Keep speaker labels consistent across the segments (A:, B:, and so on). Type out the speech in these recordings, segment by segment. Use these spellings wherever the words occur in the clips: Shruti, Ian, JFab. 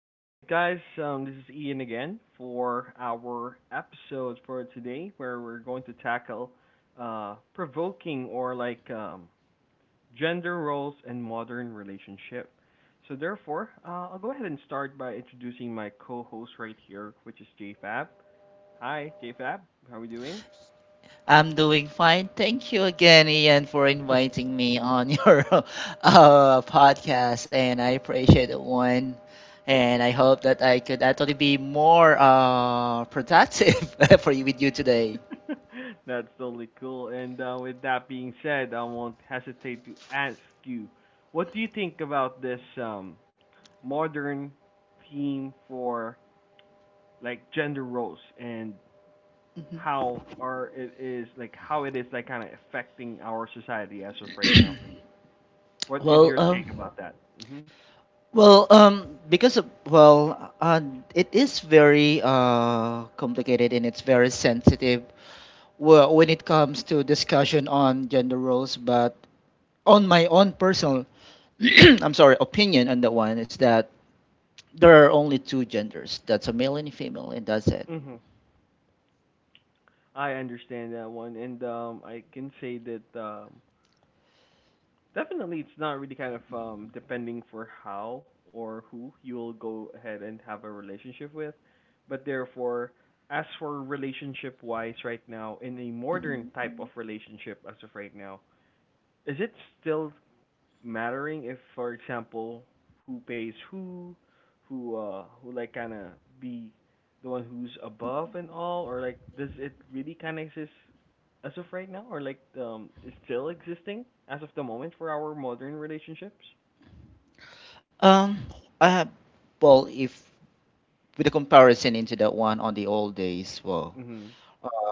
A: All right, guys. This is Ian again for our episode for today, where we're going to tackle provoking or gender roles and modern relationship. So therefore, I'll go ahead and start by introducing my co-host right here, which is JFab. Hi, JFab. How are we doing?
B: I'm doing fine. Thank you again, Ian, for inviting me on your podcast, and I appreciate it one. And I hope that I could actually be more productive for you with you today.
A: That's totally cool. And with that being said, I won't hesitate to ask you, what do you think about this modern theme for like gender roles and
B: Mhm.
A: how it is like kind of affecting our society as of right now for you? What is your
B: Well, um,
A: take about that? Mhm.
B: well, it is very complicated, and it's very sensitive when it comes to discussion on gender roles. But on my own personal, I'm sorry, opinion on that one is that there are only two genders. That's a male and a female, and that's it.
A: Mhm. I understand that one, and I can say that definitely, it's not really kind of depending for how or who you'll go ahead and have a relationship with. But therefore, as for relationship wise right now, in a modern
B: Mhm.
A: type of relationship as of right now, is it still mattering if, for example, who pays who, who like kind of be the one who's above and all, or like does it really kind of exist as of right now, or is still existing as of the moment for our modern relationships?
B: Um, I have, well, if With a comparison into that one on the old days,
A: Mhm.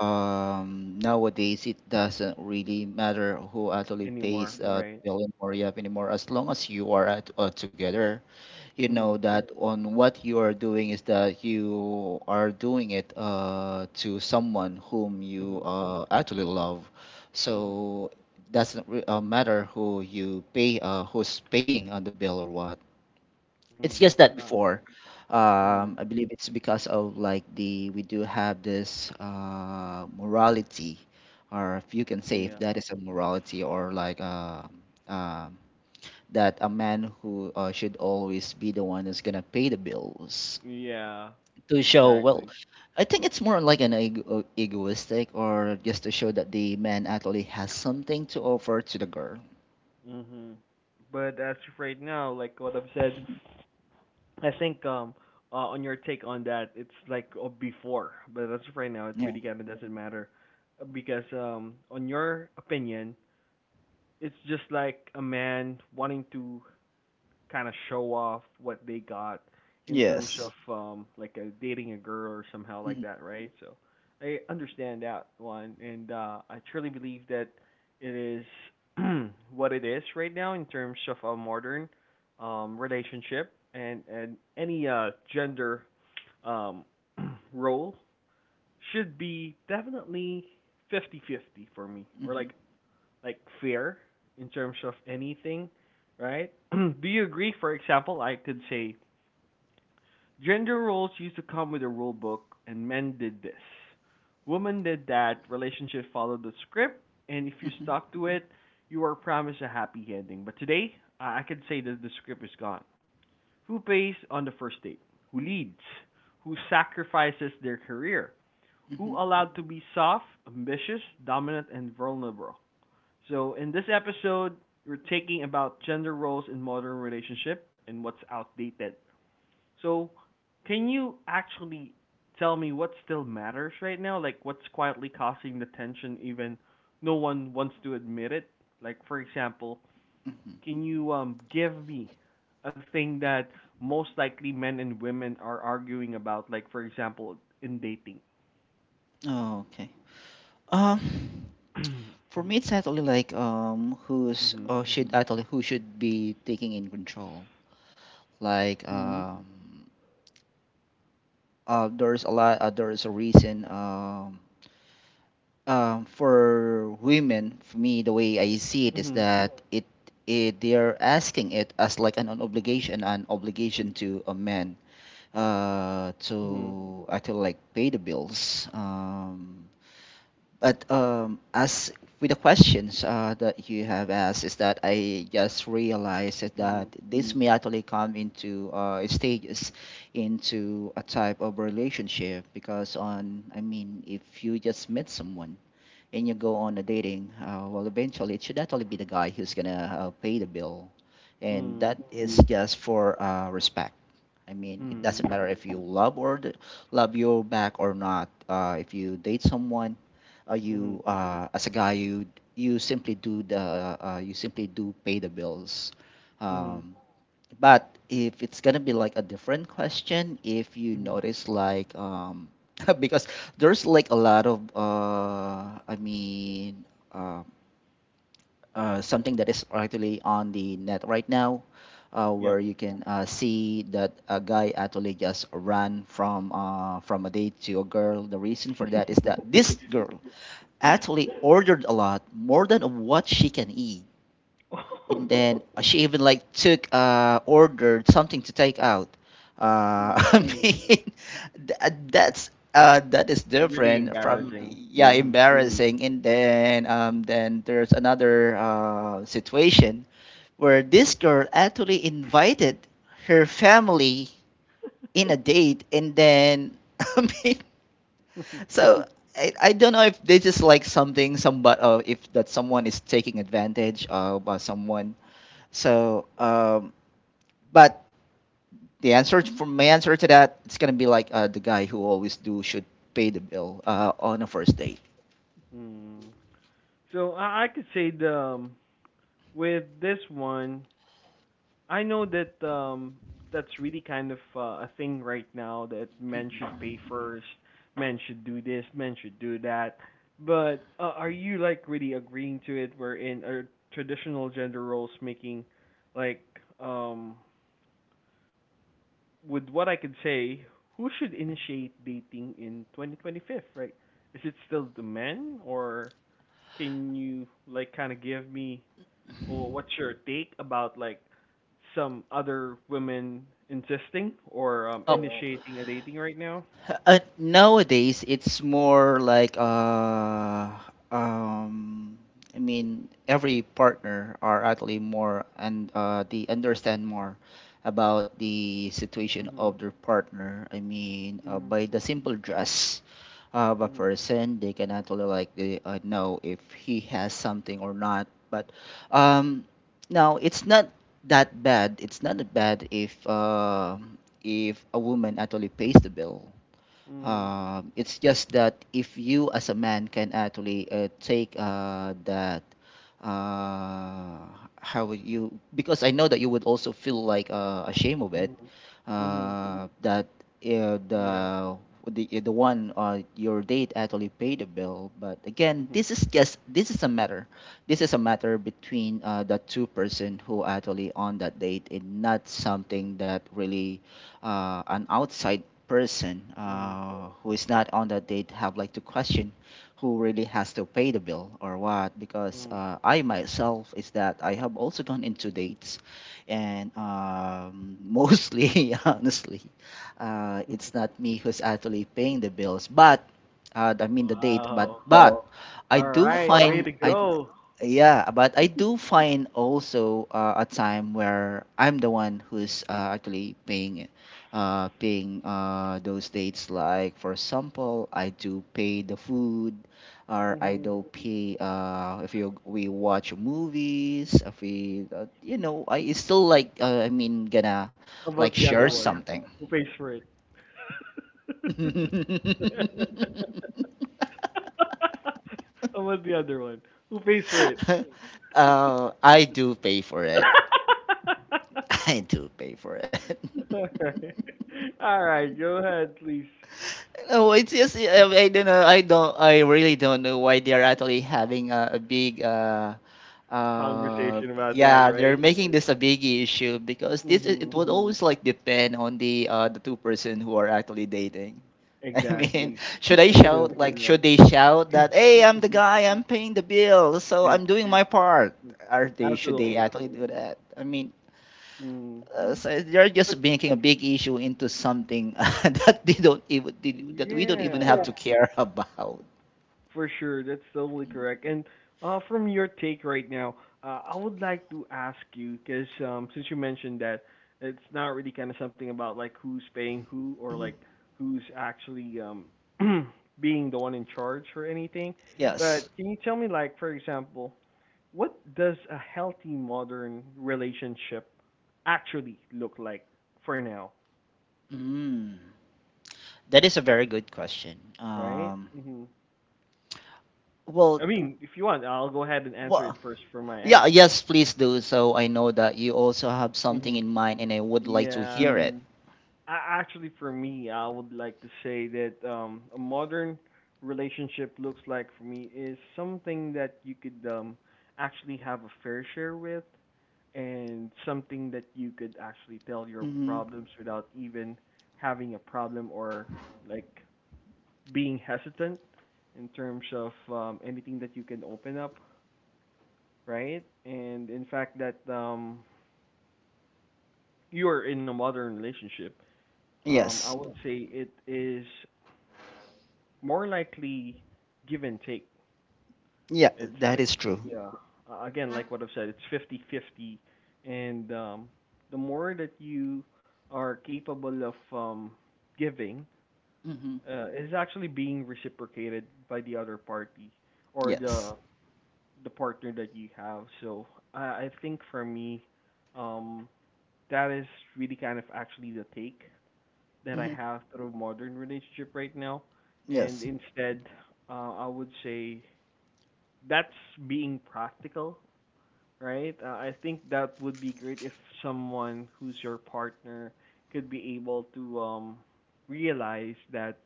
B: nowadays it doesn't really matter who actually pays
A: Anymore,
B: the
A: right?
B: bill in Moria anymore, as long as you are together. You
A: Mhm.
B: know that on what you are doing is that you are doing it to someone whom you
A: Mhm.
B: actually love.
A: Mhm.
B: So doesn't re- matter who you pay, who's paying on the bill or what. It's
A: Mhm.
B: just that
A: Ah.
B: before,
A: Mhm.
B: I believe it's because of, like, the, we do have this morality, or if you can say if
A: Yeah.
B: that is a morality or like um that a man who should always be the one who's gonna pay the bills,
A: Yeah.
B: to show. Well,
A: Exactly.
B: I think it's more like an egoistic, or just to show that the man actually has something to offer to the girl.
A: Mhm. But as of right now, like what I've said,
B: Mhm.
A: I think on your take on that, it's like before, but as of right now, it
B: Yeah.
A: really kind of doesn't matter. Because on your opinion, it's just like a man wanting to kind of show off what they got in terms of
B: Yes.
A: like dating a girl or somehow like
B: Hmm.
A: that, right? So I understand that one, and I truly believe that it is what it is right now in terms of a modern relationship and any gender um role should be definitely 50-50 for me or
B: Hmm.
A: like fair in terms of anything, right? Do you agree? For example, I could say gender roles used to come with a rule book, and men did this, women did that. Relationship followed the script, and if you
B: Hmm.
A: stuck to it, you were promised a happy ending. But today, I could say that the script is gone. Who pays on the first date? Who leads? Who sacrifices their career? Who
B: Hmm.
A: allowed to be soft, ambitious, dominant, and vulnerable? So in this episode, we're taking about gender roles in modern relationship and what's outdated. So can you actually tell me what still matters right now? Like what's quietly causing the tension even no one wants to admit it? Like for example, can you give me a thing that most likely men and women are arguing about like for example in dating?
B: Oh, okay. um
A: Mhm.
B: for me, it's actually like who's, or should actually, who should be taking in control, like um there's a lot, there's a reason. For women, for me, the way I see it is that it they're asking it as like an obligation to a man,
A: Mhm. Mhm.
B: to actually like pay the bills. But As with the questions that you have asked, is that I just realized is that
A: Mhm.
B: this may actually come into stages into a type of relationship, because, on I mean, if you just meet someone and you go on a dating, well, eventually it should actually be the guy who's gonna pay the bill, and
A: Mhm.
B: that
A: Mhm.
B: is just for respect. I mean, it
A: Mhm.
B: doesn't matter if you love or love your back or not. If you date someone,
A: Mhm.
B: you, as a guy, you simply do the you simply do pay the bills.
A: Mhm.
B: um, but if it's gonna be like a different question, if you
A: Mhm.
B: notice, because there's like a lot of uh, something that is actually on the net right now, where
A: Yep.
B: you can see that a guy actually just ran from a date to a girl. The reason for that is that this girl actually ordered a lot more than what she can eat, and then she even like took ordered something to take out.
A: Oh my
B: I
A: god.
B: mean th- uh, that's that is
A: Really
B: different from,
A: embarrassing.
B: yeah,
A: Mhm.
B: embarrassing. And then there's another situation where this girl actually invited her family in a date, and then I mean, so I don't know if this is like something, somebody, if that someone is taking advantage of someone. So but the for my answer to that, it's gonna be like, the guy who always do should pay the bill on a first date.
A: Mm. So I could say the with this one, I know that that's really kind of a thing right now that men should pay first, men should do this, men should do that. But are you like really agreeing to it? Wherein are traditional gender roles making like um with what I can say, who should initiate dating in 2025, right? Is it still the men, or can you like kind of give me or what's your take about like some other women insisting or initiating a dating right now?
B: Nowadays, it's more like, um, I mean, every partner are actually more, and they understand more about the situation
A: Mhm.
B: of their partner. I mean,
A: Mm.
B: by the simple dress of a
A: Mhm.
B: person, they can actually like, they, know if he has something or not. But um, now it's not that bad. It's not that bad if a woman actually pays the bill.
A: Mm.
B: It's just that if you as a man can actually take that, uh, how would you, because I know that you would also feel like ashamed of it,
A: Mhm. Mhm.
B: that uh,
A: Yeah.
B: the the one, your date actually paid the bill. But again,
A: Mhm.
B: this is just, this is a matter between the two-person who actually on that date, and not something that really, an outside person,
A: Mm.
B: who is not on that date, have like to question who really has to pay the bill or what. Because
A: Mm.
B: I myself, is that I have also gone into dates, and mostly honestly, it's not me who's actually paying the bills, but I mean the date. but
A: Wow.
B: but i
A: All
B: do
A: right, way
B: find
A: to
B: i
A: go.
B: yeah, but I do find also a time where I'm the one who's actually paying it, paying those dates. Like, for example, I do pay the food, or I
A: Mhm.
B: do pay if you we watch movies. If we, you know, I, it's still like I mean, gonna
A: How
B: like
A: about the
B: share
A: other one?
B: something.
A: Who pays for it? I The other one. Who pays for it?
B: Uh, I do pay for it. I do pay for it.
A: All right. All right. Go ahead, please.
B: No, it's just, I don't know. I don't. I really don't know why they are actually having a big. Uh,
A: Conversation about that,
B: yeah, they're
A: right?
B: making this a big issue, because this it, it
A: Mm-hmm.
B: would always like depend on the, the two-person who are actually dating. I mean,
A: Exactly. I couldn't agree more.
B: should they shout that, hey, I'm the
A: Mm.
B: guy, I'm paying the bill, so I'm doing my part? Are they, should they
A: Absolutely.
B: actually do that? I mean,
A: Mm.
B: so you're just
A: But
B: making a big issue into something that they don't even they- that we don't even have
A: yeah.
B: to, Correct, care about.
A: For sure, that's totally correct. And from your take right now, I would like to ask you because since you mentioned that it's not really kind of something about like who's paying who, or like who's actually being the one in charge or anything.
B: Yes.
A: But can you tell me, like for example, what does a healthy modern relationship actually look like for now,
B: Mm. That is a very good question.
A: right?
B: Um,
A: Hmm.
B: well,
A: I mean, if you want, I'll go ahead and answer it
B: wha-
A: first from my
B: yeah,
A: end.
B: yes, please do. So I know that you also have something
A: Hmm.
B: in mind, and I would like to
A: Yeah.
B: hear it.
A: Actually, for me, I would like to say that a modern relationship looks like for me is something that you could actually have a fair share with, and something that you could actually tell your
B: Mm. Hmm.
A: problems without even having a problem or like being hesitant in terms of anything that you can open up, right? And in fact, that you are in a modern relationship. I
B: Yes.
A: would say it is more likely give and take.
B: Yeah,
A: It's
B: that
A: like
B: is true.
A: yeah, again, like what I've said, it's 50-50, and the more that you are capable of giving
B: Hmm.
A: is actually being reciprocated by the other party or
B: Yes.
A: the partner that you have. So I think for me um that is really kind of actually the take that I
B: Hmm.
A: have through modern relationship right now, and
B: Yes,
A: instead I would say that's being practical, right? I think that would be great if someone who's your partner could be able to realize that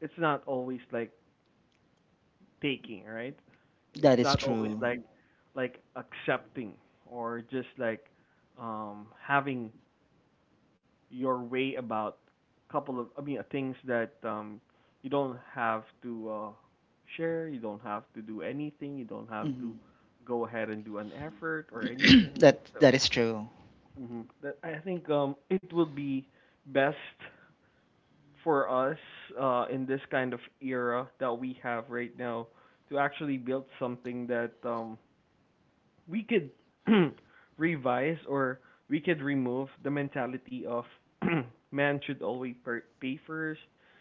A: it's not always like taking, right? It's
B: that is
A: not always
B: true.
A: like accepting or just like having your way about a couple of things that you don't have to share, you don't have to do anything, you don't have to
B: Hmm.
A: go ahead and do an effort or anything,
B: That,
A: right? So
B: that is true.
A: hmm that I think it would be best for us in this kind of era that we have right now to actually build something that we could revise or we could remove the mentality of man should always per- pay first,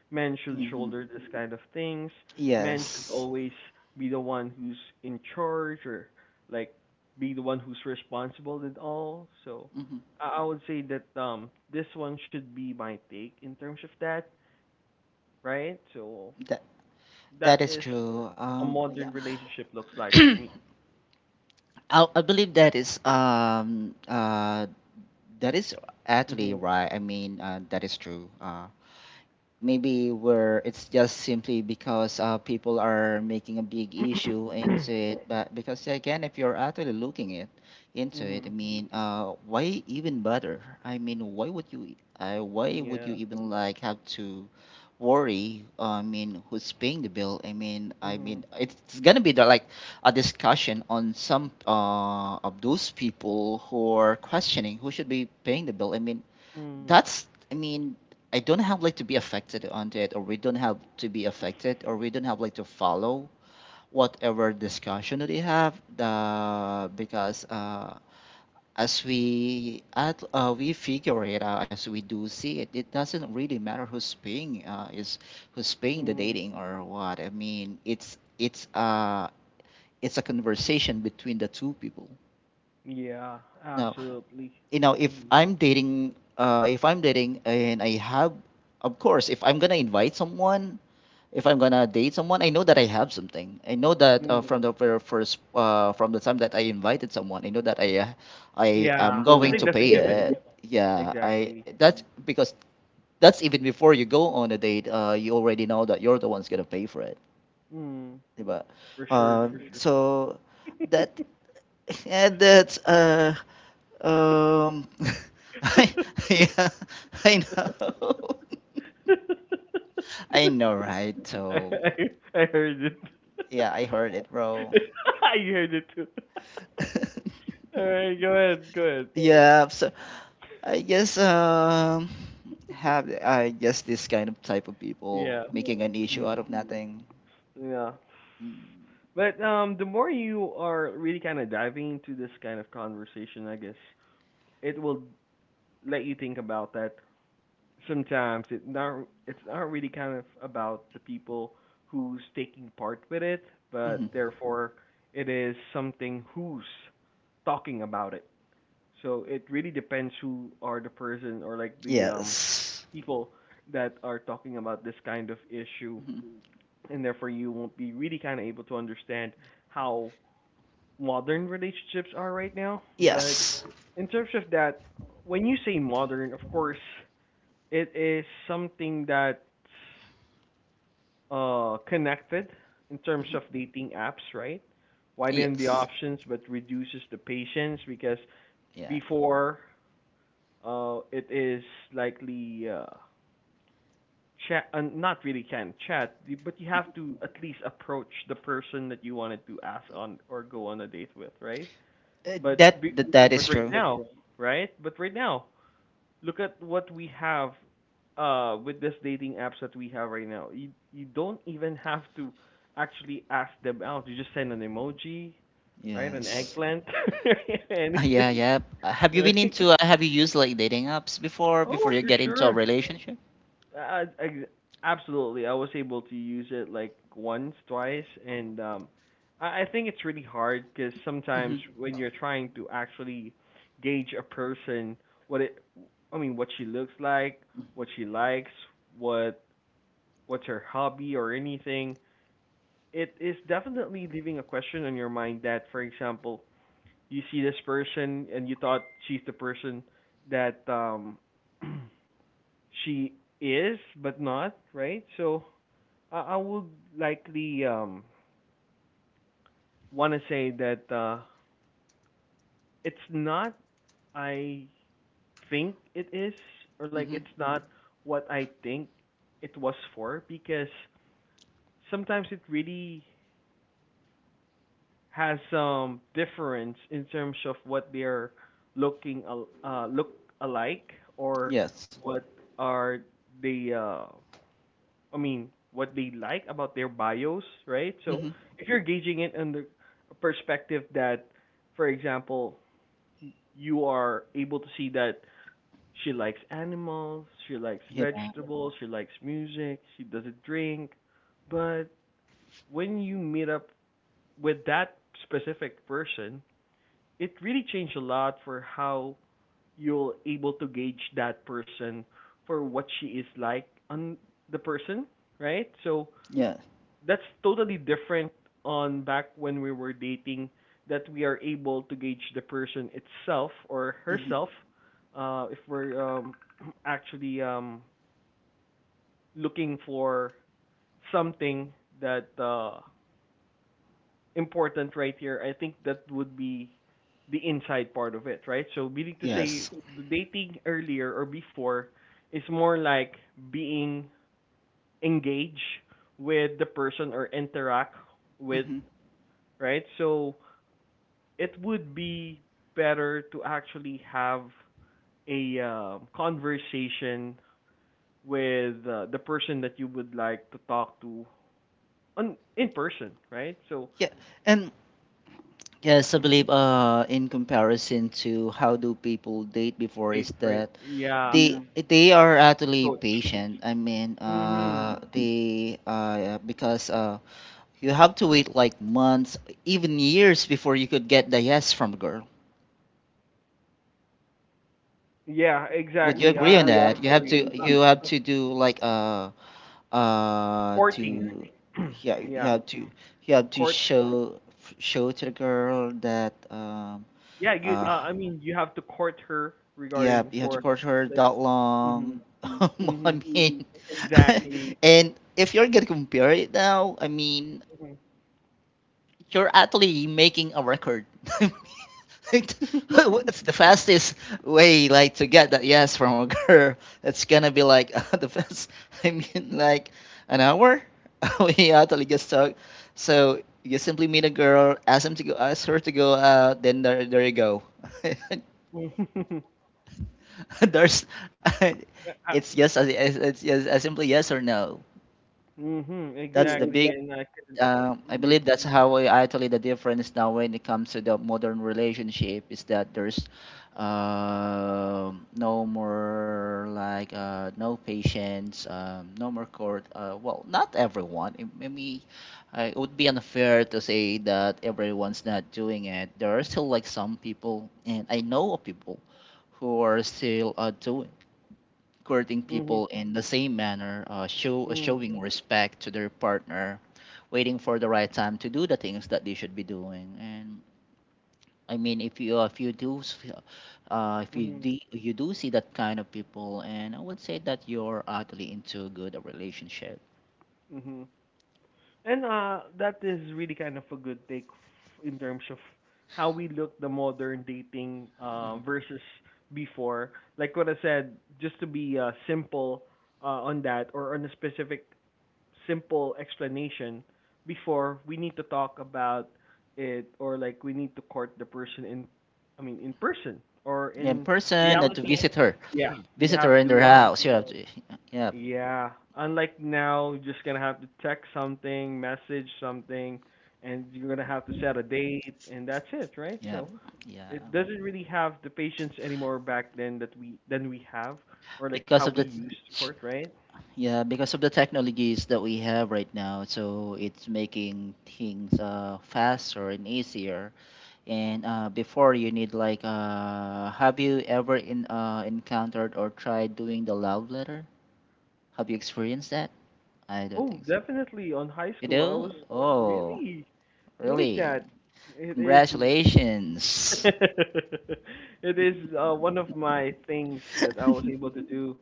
A: man should
B: Hmm.
A: shoulder this kind of things, man should
B: Yes.
A: always be the one who's in charge or like be the one who's responsible and all. So
B: Hmm.
A: I would say that this one should be my take in terms of that, right? So
B: that
A: that
B: that is
A: is
B: true.
A: a modern
B: Yeah.
A: relationship looks like for me.
B: I believe that is actually
A: Mhm.
B: right. I mean, that is true. Maybe where it's just simply because people are making a big issue into it. But because, again, if you're actually looking it into it, I
A: Mhm.
B: mean, why even bother? Why would you
A: Yeah.
B: even like have to worry, I mean, who's paying the bill? I mean,
A: Mhm.
B: it's gonna be the, like a discussion on some of those people who are questioning who should be paying the bill. I mean,
A: Mm,
B: that's, I mean, I don't have like to be affected on it, or we don't have to be affected, or we don't have like to follow whatever discussion that they have. The Because as we at we figure it out, as we do see it, it doesn't really matter who's paying, is who's paying the
A: mm,
B: dating or what. I mean, it's a conversation between the two people
A: yeah,
B: now.
A: absolutely.
B: You know,
A: Mm,
B: if I'm dating, and I have, of course, if I'm gonna invite someone, if I'm gonna date someone, I know that I have something. I know that
A: mm,
B: from the very first from the time that I invited someone, I know that I am
A: yeah, I
B: going
A: think
B: to
A: that's a
B: pay
A: given.
B: it, yeah. I
A: Exactly.
B: That's because that's even before you go on a date, you already know that you're the one's gonna pay for it.
A: Mm,
B: But
A: for sure, for sure.
B: so that that's um I yeah, I know. I know, right? So
A: I heard it.
B: yeah, I heard it, bro.
A: You heard it too. All right, go ahead, go ahead.
B: Yeah, so I guess have I guess this kind of type of people
A: Yeah.
B: making an issue out
A: Mm,
B: of nothing.
A: yeah.
B: Mm-hmm.
A: But the more you are really kind of diving into this kind of conversation, I guess it will let you think about that sometimes it's not really kind of about the people who's taking part with it, but therefore it is something who's talking about it. So it really depends who are the person or like the
B: Yes.
A: people that are talking about this kind of issue,
B: Hmm.
A: and therefore you won't be really kind of able to understand how modern relationships are right now, but
B: Yes.
A: in terms of that, when you say modern, of course, it is something that's connected in terms
B: Hmm.
A: of dating apps, right? Widen the
B: Yes.
A: options but reduces the patience. Because
B: Yeah.
A: before it is likely chat not really can chat, but you have to at least approach the person that you wanted to ask on or go on a date with, right? But be,
B: That
A: but
B: is
A: right
B: true.
A: now, right. right? But right now, look at what we have with this dating apps that we have right now. You don't even have to actually ask them out. You just send an emoji, right? An
B: Yes.
A: eggplant,
B: Yeah,
A: anything.
B: yeah. Have you been
A: Right?
B: into? Have you used like dating apps before? Before
A: Oh,
B: you
A: for
B: get into a
A: sure.
B: relationship?
A: I absolutely I was able to use it like once, twice, and I think it's really hard because
B: Mm-hmm.
A: sometimes when you're trying to actually gauge a person, what it, I mean, what she looks like, what she likes, what what's her hobby or anything, it is definitely leaving a question on your mind that, for example, you see this person and you thought she's the person that she is but not, right? So I would likely want to say that it's not. I think it is or like
B: Mm-hmm.
A: it's Mm. not what I think it was for, because sometimes it really has some difference in terms of what they're look alike or
B: Yes.
A: what are the what they like about their bios, right? So
B: Mm-hmm.
A: if you're gauging it under a perspective that, for example, you are able to see that she likes animals, she likes
B: Yeah.
A: vegetables, she likes music, she doesn't drink, but when you meet up with that specific person, it really changed a lot for how you're able to gauge that person for what she is like on the person, right? So
B: Yeah.
A: that's totally different on back when we were dating that we are able to gauge the person itself or
B: Mm-hmm.
A: herself if we're actually looking for something that important right here. I think that would be the inside part of it, right? So meaning to say,
B: Yes.
A: the dating earlier or before is more like being engaged with the person or interact with,
B: Mm-hmm.
A: right? So it would be better to actually have a conversation with the person that you would like to talk to on in person, right? So
B: Yeah, and yes, I
A: mhm.
B: believe in comparison to how do people date before is
A: Date, right?
B: that
A: Yeah,
B: they Yeah. they are actually
A: approach.
B: patient. I mean,
A: Hmm.
B: they yeah, because you have to wait like months, even years before you could get the yes from a girl.
A: Yeah,
B: Would you
A: exactly.
B: agree
A: I,
B: on
A: I
B: that?
A: can agree.
B: You have to do like
A: Courting.
B: to yeah,
A: yeah,
B: you have to
A: court.
B: show to the girl that
A: Yeah, you.
B: uh
A: I mean, you have to court her
B: yeah,
A: regarding
B: you have to
A: for
B: court her
A: like.
B: that
A: Hmm.
B: long. I
A: Hmm.
B: mean,
A: Exactly.
B: and if you're gonna compare it now, I mean, you're actually making a record. It's the fastest way like to get that yes from a girl. It's gonna be like the fast. Like an hour. We actually just talk. So you simply meet a girl, ask them to go, ask her to go out. Then there you go.
A: Mhm.
B: There's,
A: Uh, uh,
B: it's yes, as- it's yes, as simply yes or no.
A: mhm,
B: That's the
A: exactly,
B: big
A: and I can
B: I
A: re-
B: believe that's how I, actually the difference now when it comes to the modern relationship is that there's no more like no patience, no more court. Well, not everyone. It, maybe it would be unfair to say that everyone's not doing it. There are still like some people, and I know of people who are still doing courting
A: mhm,
B: people in the same manner,
A: mhm,
B: showing respect to their partner, waiting for the right time to do the things that they should be doing. And I mean, if you
A: mhm,
B: de- you do see that kind of people, and I would say that you're actually into a good relationship.
A: mhm. And that is really kind of a good take in terms of how we look the modern dating versus before. Like what I said, just to be simple on that, or on a specific simple explanation, before we need to talk about it, or like we need to court the person in, I mean, in person or
B: Yeah, in
A: in
B: person and to
A: reality. Yeah, you
B: visit her
A: have
B: in their
A: to
B: house. You have to, yeah,
A: yeah, unlike now you're just gonna have to text something, message something, and you're gonna have to set a date, and that's it, right?
B: yeah,
A: So
B: yeah.
A: it doesn't really have the patience anymore back then that we, than we have, or like
B: Because
A: how
B: of the
A: we used to court, right?
B: Yeah, because of the technologies that we have right now, so it's making things faster and easier. And before you need like, have you ever in encountered or tried doing the love letter? Have you experienced that? I don't
A: Oh,
B: think so.
A: definitely. On high
B: You
A: school, I was
B: do? Oh,
A: really doing
B: really?
A: that. It is,
B: Congratulations.
A: it is one of my things that I was able to do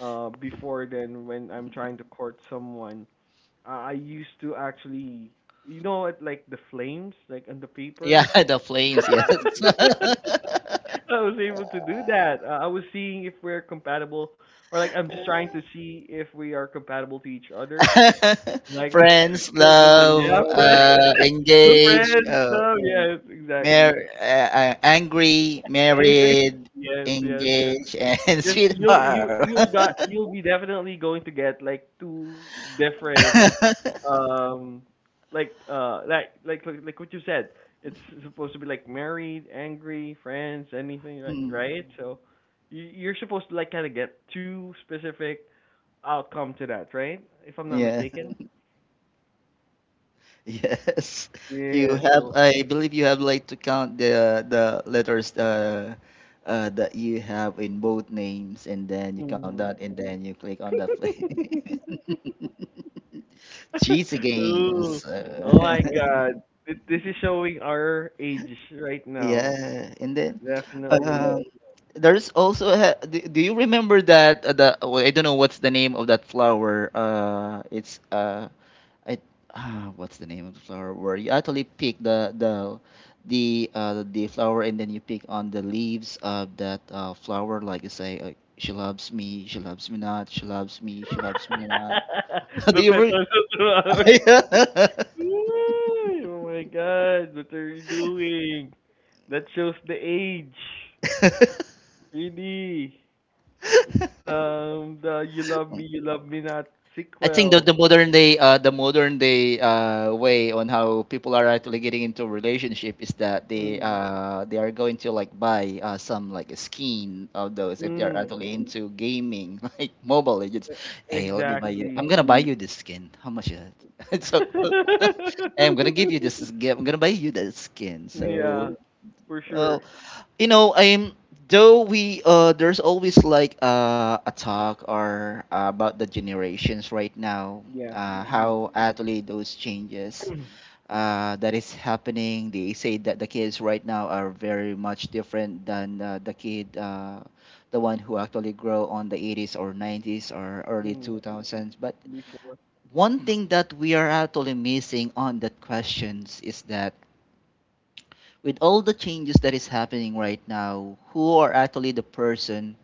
A: before, then when I'm trying to court someone. I used to actually, you know, it like the flames, like on the
B: Yeah,
A: paper.
B: the flames, yes.
A: I was able to do that. I was seeing if we're compatible, or like I'm just trying to see if we are compatible to each other. Like
B: Friends,
A: the yeah, Yeah,
B: love,
A: friend, the
B: engaged,
A: friends, love, yeah, yes, exactly.
B: angry,
A: Angry,
B: married,
A: yes, yes, yes.
B: engaged, and
A: Just you'll you
B: sweetheart.
A: you'll got you'll be definitely going to get like two different um like like what you said. It's supposed to be like married, angry, friends, anything, right?
B: Hmm.
A: Right? So you're supposed to like kind of get two specific outcome to that, right? If I'm not
B: Yeah.
A: mistaken.
B: Yes. You
A: Yeah.
B: have.
A: So.
B: I believe you have like to count the letters that you have in both names, and then you count
A: Mm-hmm.
B: that, and then you click on that play. Cheesy
A: Ooh.
B: games.
A: Oh my God. This is showing our age right now.
B: Yeah, and then
A: Definitely.
B: um, there's also a, do you remember that the oh, I don't know what's the name of that flower. I what's the name of the flower where you actually pick the flower and then you pick on the leaves of that flower. Like you say, she loves me not, she loves me not. Do
A: the pet
B: you?
A: on the 2 hours.
B: Re-
A: Ooh, oh my God. What are you doing? That shows the age. Really. The You Love Me, You Love Me Not
B: I think the,
A: sequel.
B: the modern day the modern day way on how people are actually getting into a relationship is that
A: Mm.
B: they are going to like buy some like a skin of those if they are
A: Mm.
B: actually into gaming like Mobile Legends.
A: E-
B: Hey, let me buy you. I'm
A: exactly.
B: gonna buy you this skin. How much is it? So hey, I'm gonna give you this. Skin- I'm gonna buy you that skin.
A: yeah,
B: So
A: for
B: well,
A: sure.
B: you know, I'm though we there's always like a talk or about the generations right now,
A: Yeah. Mhm.
B: how actually those changes that is happening. They say that the kids right now are very much different than the one who actually grow on the 80s or 90s or early
A: Mhm.
B: 2000s. But
A: Before.
B: one thing that we are actually missing on that questions is that with all the changes that is happening right now, who are actually the person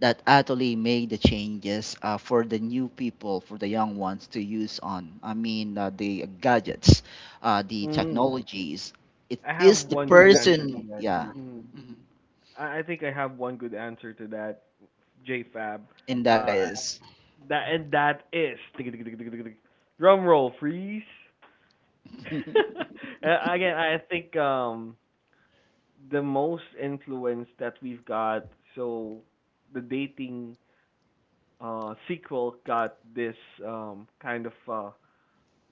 B: that actually made the changes for the new people, for the young ones to use on? I mean, the gadgets, the
A: Mm.
B: technologies. It
A: I have
B: is the
A: one good answer to
B: person,
A: that.
B: yeah,
A: Mm. I think I have one good answer to that, JFab.
B: and that
A: Uh,
B: is.
A: that, and that is drum roll, freeze. Again, I think the most influence that we've got. So the dating sequel got this um kind of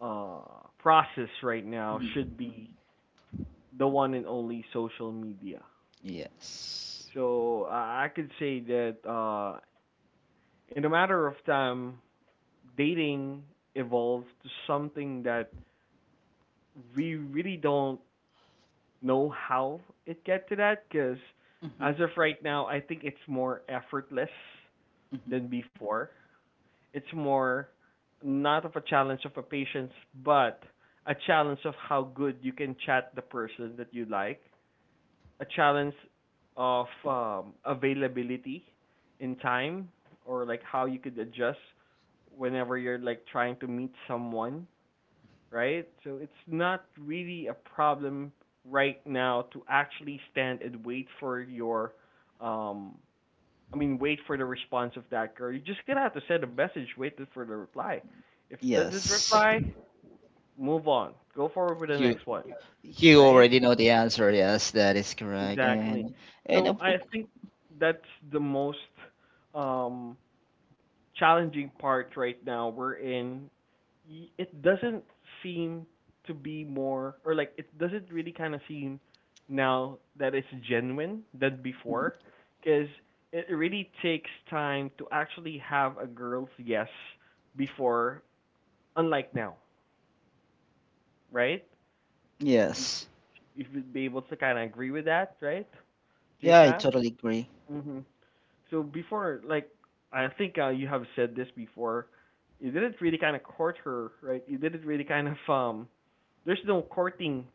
A: uh uh process right now should be the one and only social media.
B: Yes.
A: So I could say that, in a matter of time, dating evolved to something that we really don't know how it get to that. Because
B: Mhm.
A: as of right now, I think it's more effortless
B: Mhm.
A: than before. It's more not of a challenge of a patience, but a challenge of how good you can chat the person that you like, a challenge of availability in time, or like how you could adjust whenever you're like trying to meet someone, right? So it's not really a problem right now to actually stand and wait for your um I mean, wait for the response of that girl. You're just gonna have to send a message, wait for the reply. If doesn't
B: Yes.
A: reply, move on. Go forward with the
B: You
A: next one.
B: you
A: Right?
B: already know the answer. Yes, that is correct.
A: Exactly.
B: And
A: So
B: of-
A: I think that's the most um, challenging part right now. We're in. It doesn't seem to be more, or like it doesn't really kind of seem now that it's genuine than before, because it really takes time to actually have a girl's yes before, unlike now, right? You,
B: yes.
A: you would be able to kind of agree with that, right,
B: Yeah, I totally
A: JFAP?
B: agree.
A: Mm-hmm. So before, like, I think you have said this before. You didn't really kind of court her, right? You didn't really kind of. There's no courting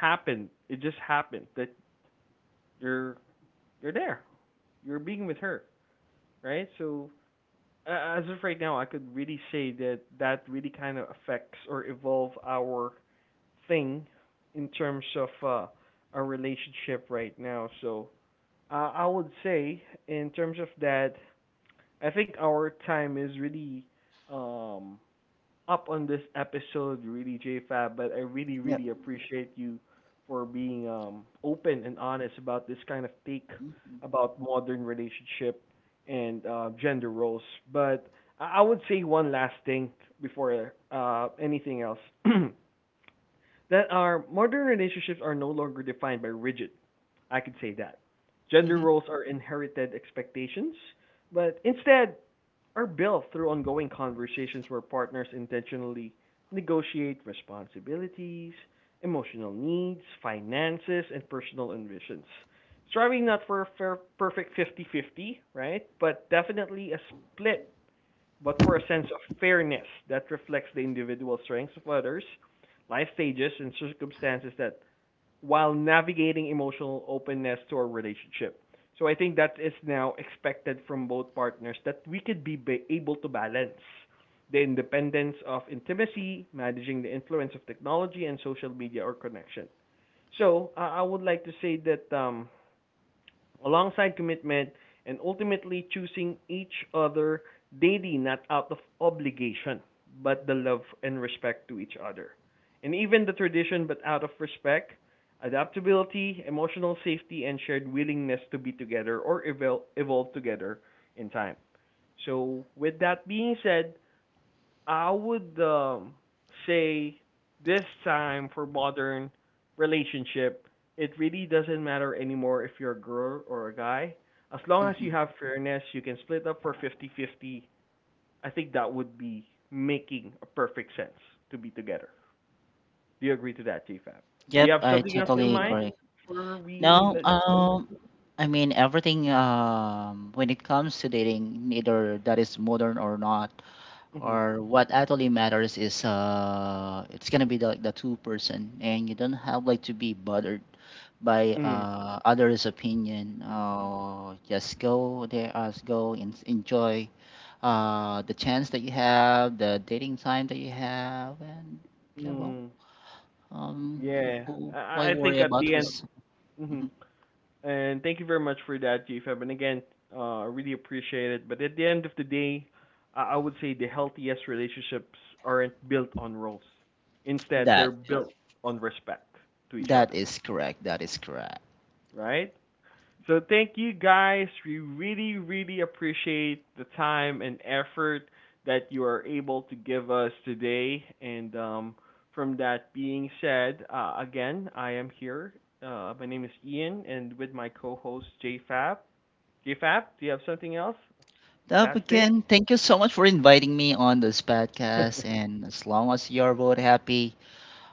A: happened. It just happened that you're you're there. You're being with her, right? So as of right now, I could really say that that really kind of affects or evolve our thing in terms of our relationship right now. So I would say in terms of that, I think our time is really um up on this episode, really J Fab, but I really,
B: Yep.
A: really appreciate you for being open and honest about this kind of take about modern relationship and gender roles. But I would say one last thing before anything else. that our modern relationships are no longer defined by rigid. I could say that. Gender
B: Mm-hmm.
A: roles are inherited expectations, but instead are built through ongoing conversations where partners intentionally negotiate responsibilities, emotional needs, finances, and personal ambitions. Striving not for a fair, perfect 50-50, right? But definitely a split, but for a sense of fairness that reflects the individual strengths of others, life stages, and circumstances that, while navigating emotional openness to our relationship. So I think that is now expected from both partners, that we could be able to balance the independence of intimacy, managing the influence of technology and social media or connection. So I would like to say that, alongside commitment and ultimately choosing each other daily, not out of obligation but the love and respect to each other, and even the tradition, but out of respect, adaptability, emotional safety, and shared willingness to be together or evolve together in time. So with that being said, I would, say this time for modern relationship, it really doesn't matter anymore if you're a girl or a guy. As long as you
B: Hmm.
A: have fairness, you can split up for 50-50. I think that would be making a perfect sense to be together. Do you agree to that, J Fab? Do you
B: Yep,
A: have
B: I
A: something else in
B: totally
A: mind
B: agree.
A: before we
B: No,
A: let it go?
B: I mean everything. When it comes to dating, neither that is modern or not,
A: Mm-hmm.
B: or what actually matters is it's gonna be the, like the two person, and you don't have like to be bothered by
A: Mm.
B: others' opinion. Just go there, us go and enjoy the chance that you have, the dating time that you have, and yeah, well,
A: Mm.
B: um,
A: Yeah. I,
B: why
A: I I think
B: worry
A: at
B: about
A: the end.
B: who's Mhm.
A: Mm-hmm. And thank you very much for that, GFM. And again, I really appreciate it. But at the end of the day, I would say the healthiest relationships aren't built on roles. Instead, they're
B: that?
A: built on respect to each
B: That
A: other,
B: is correct. That is correct.
A: right? So thank you guys. We really, really appreciate the time and effort that you are able to give us today. And from that being said, again, I am here. My name is Ian, and with my co-host JFab. Fab, do you have something else?
B: Up
A: Last day.
B: again, thank you so much for inviting me on this podcast. And as long as you're both happy,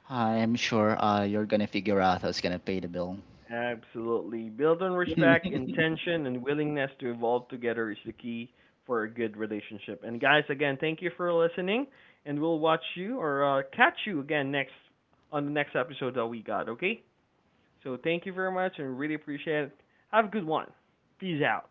B: I'm sure you're gonna figure out who's gonna pay the bill.
A: Absolutely. Build on respect, intention, and willingness to evolve together is the key for a good relationship. And guys, again, thank you for listening, and we'll watch you, or catch you again next on the next episode that we got. Okay? So thank you very much, and really appreciate it. Have a good one. Peace out.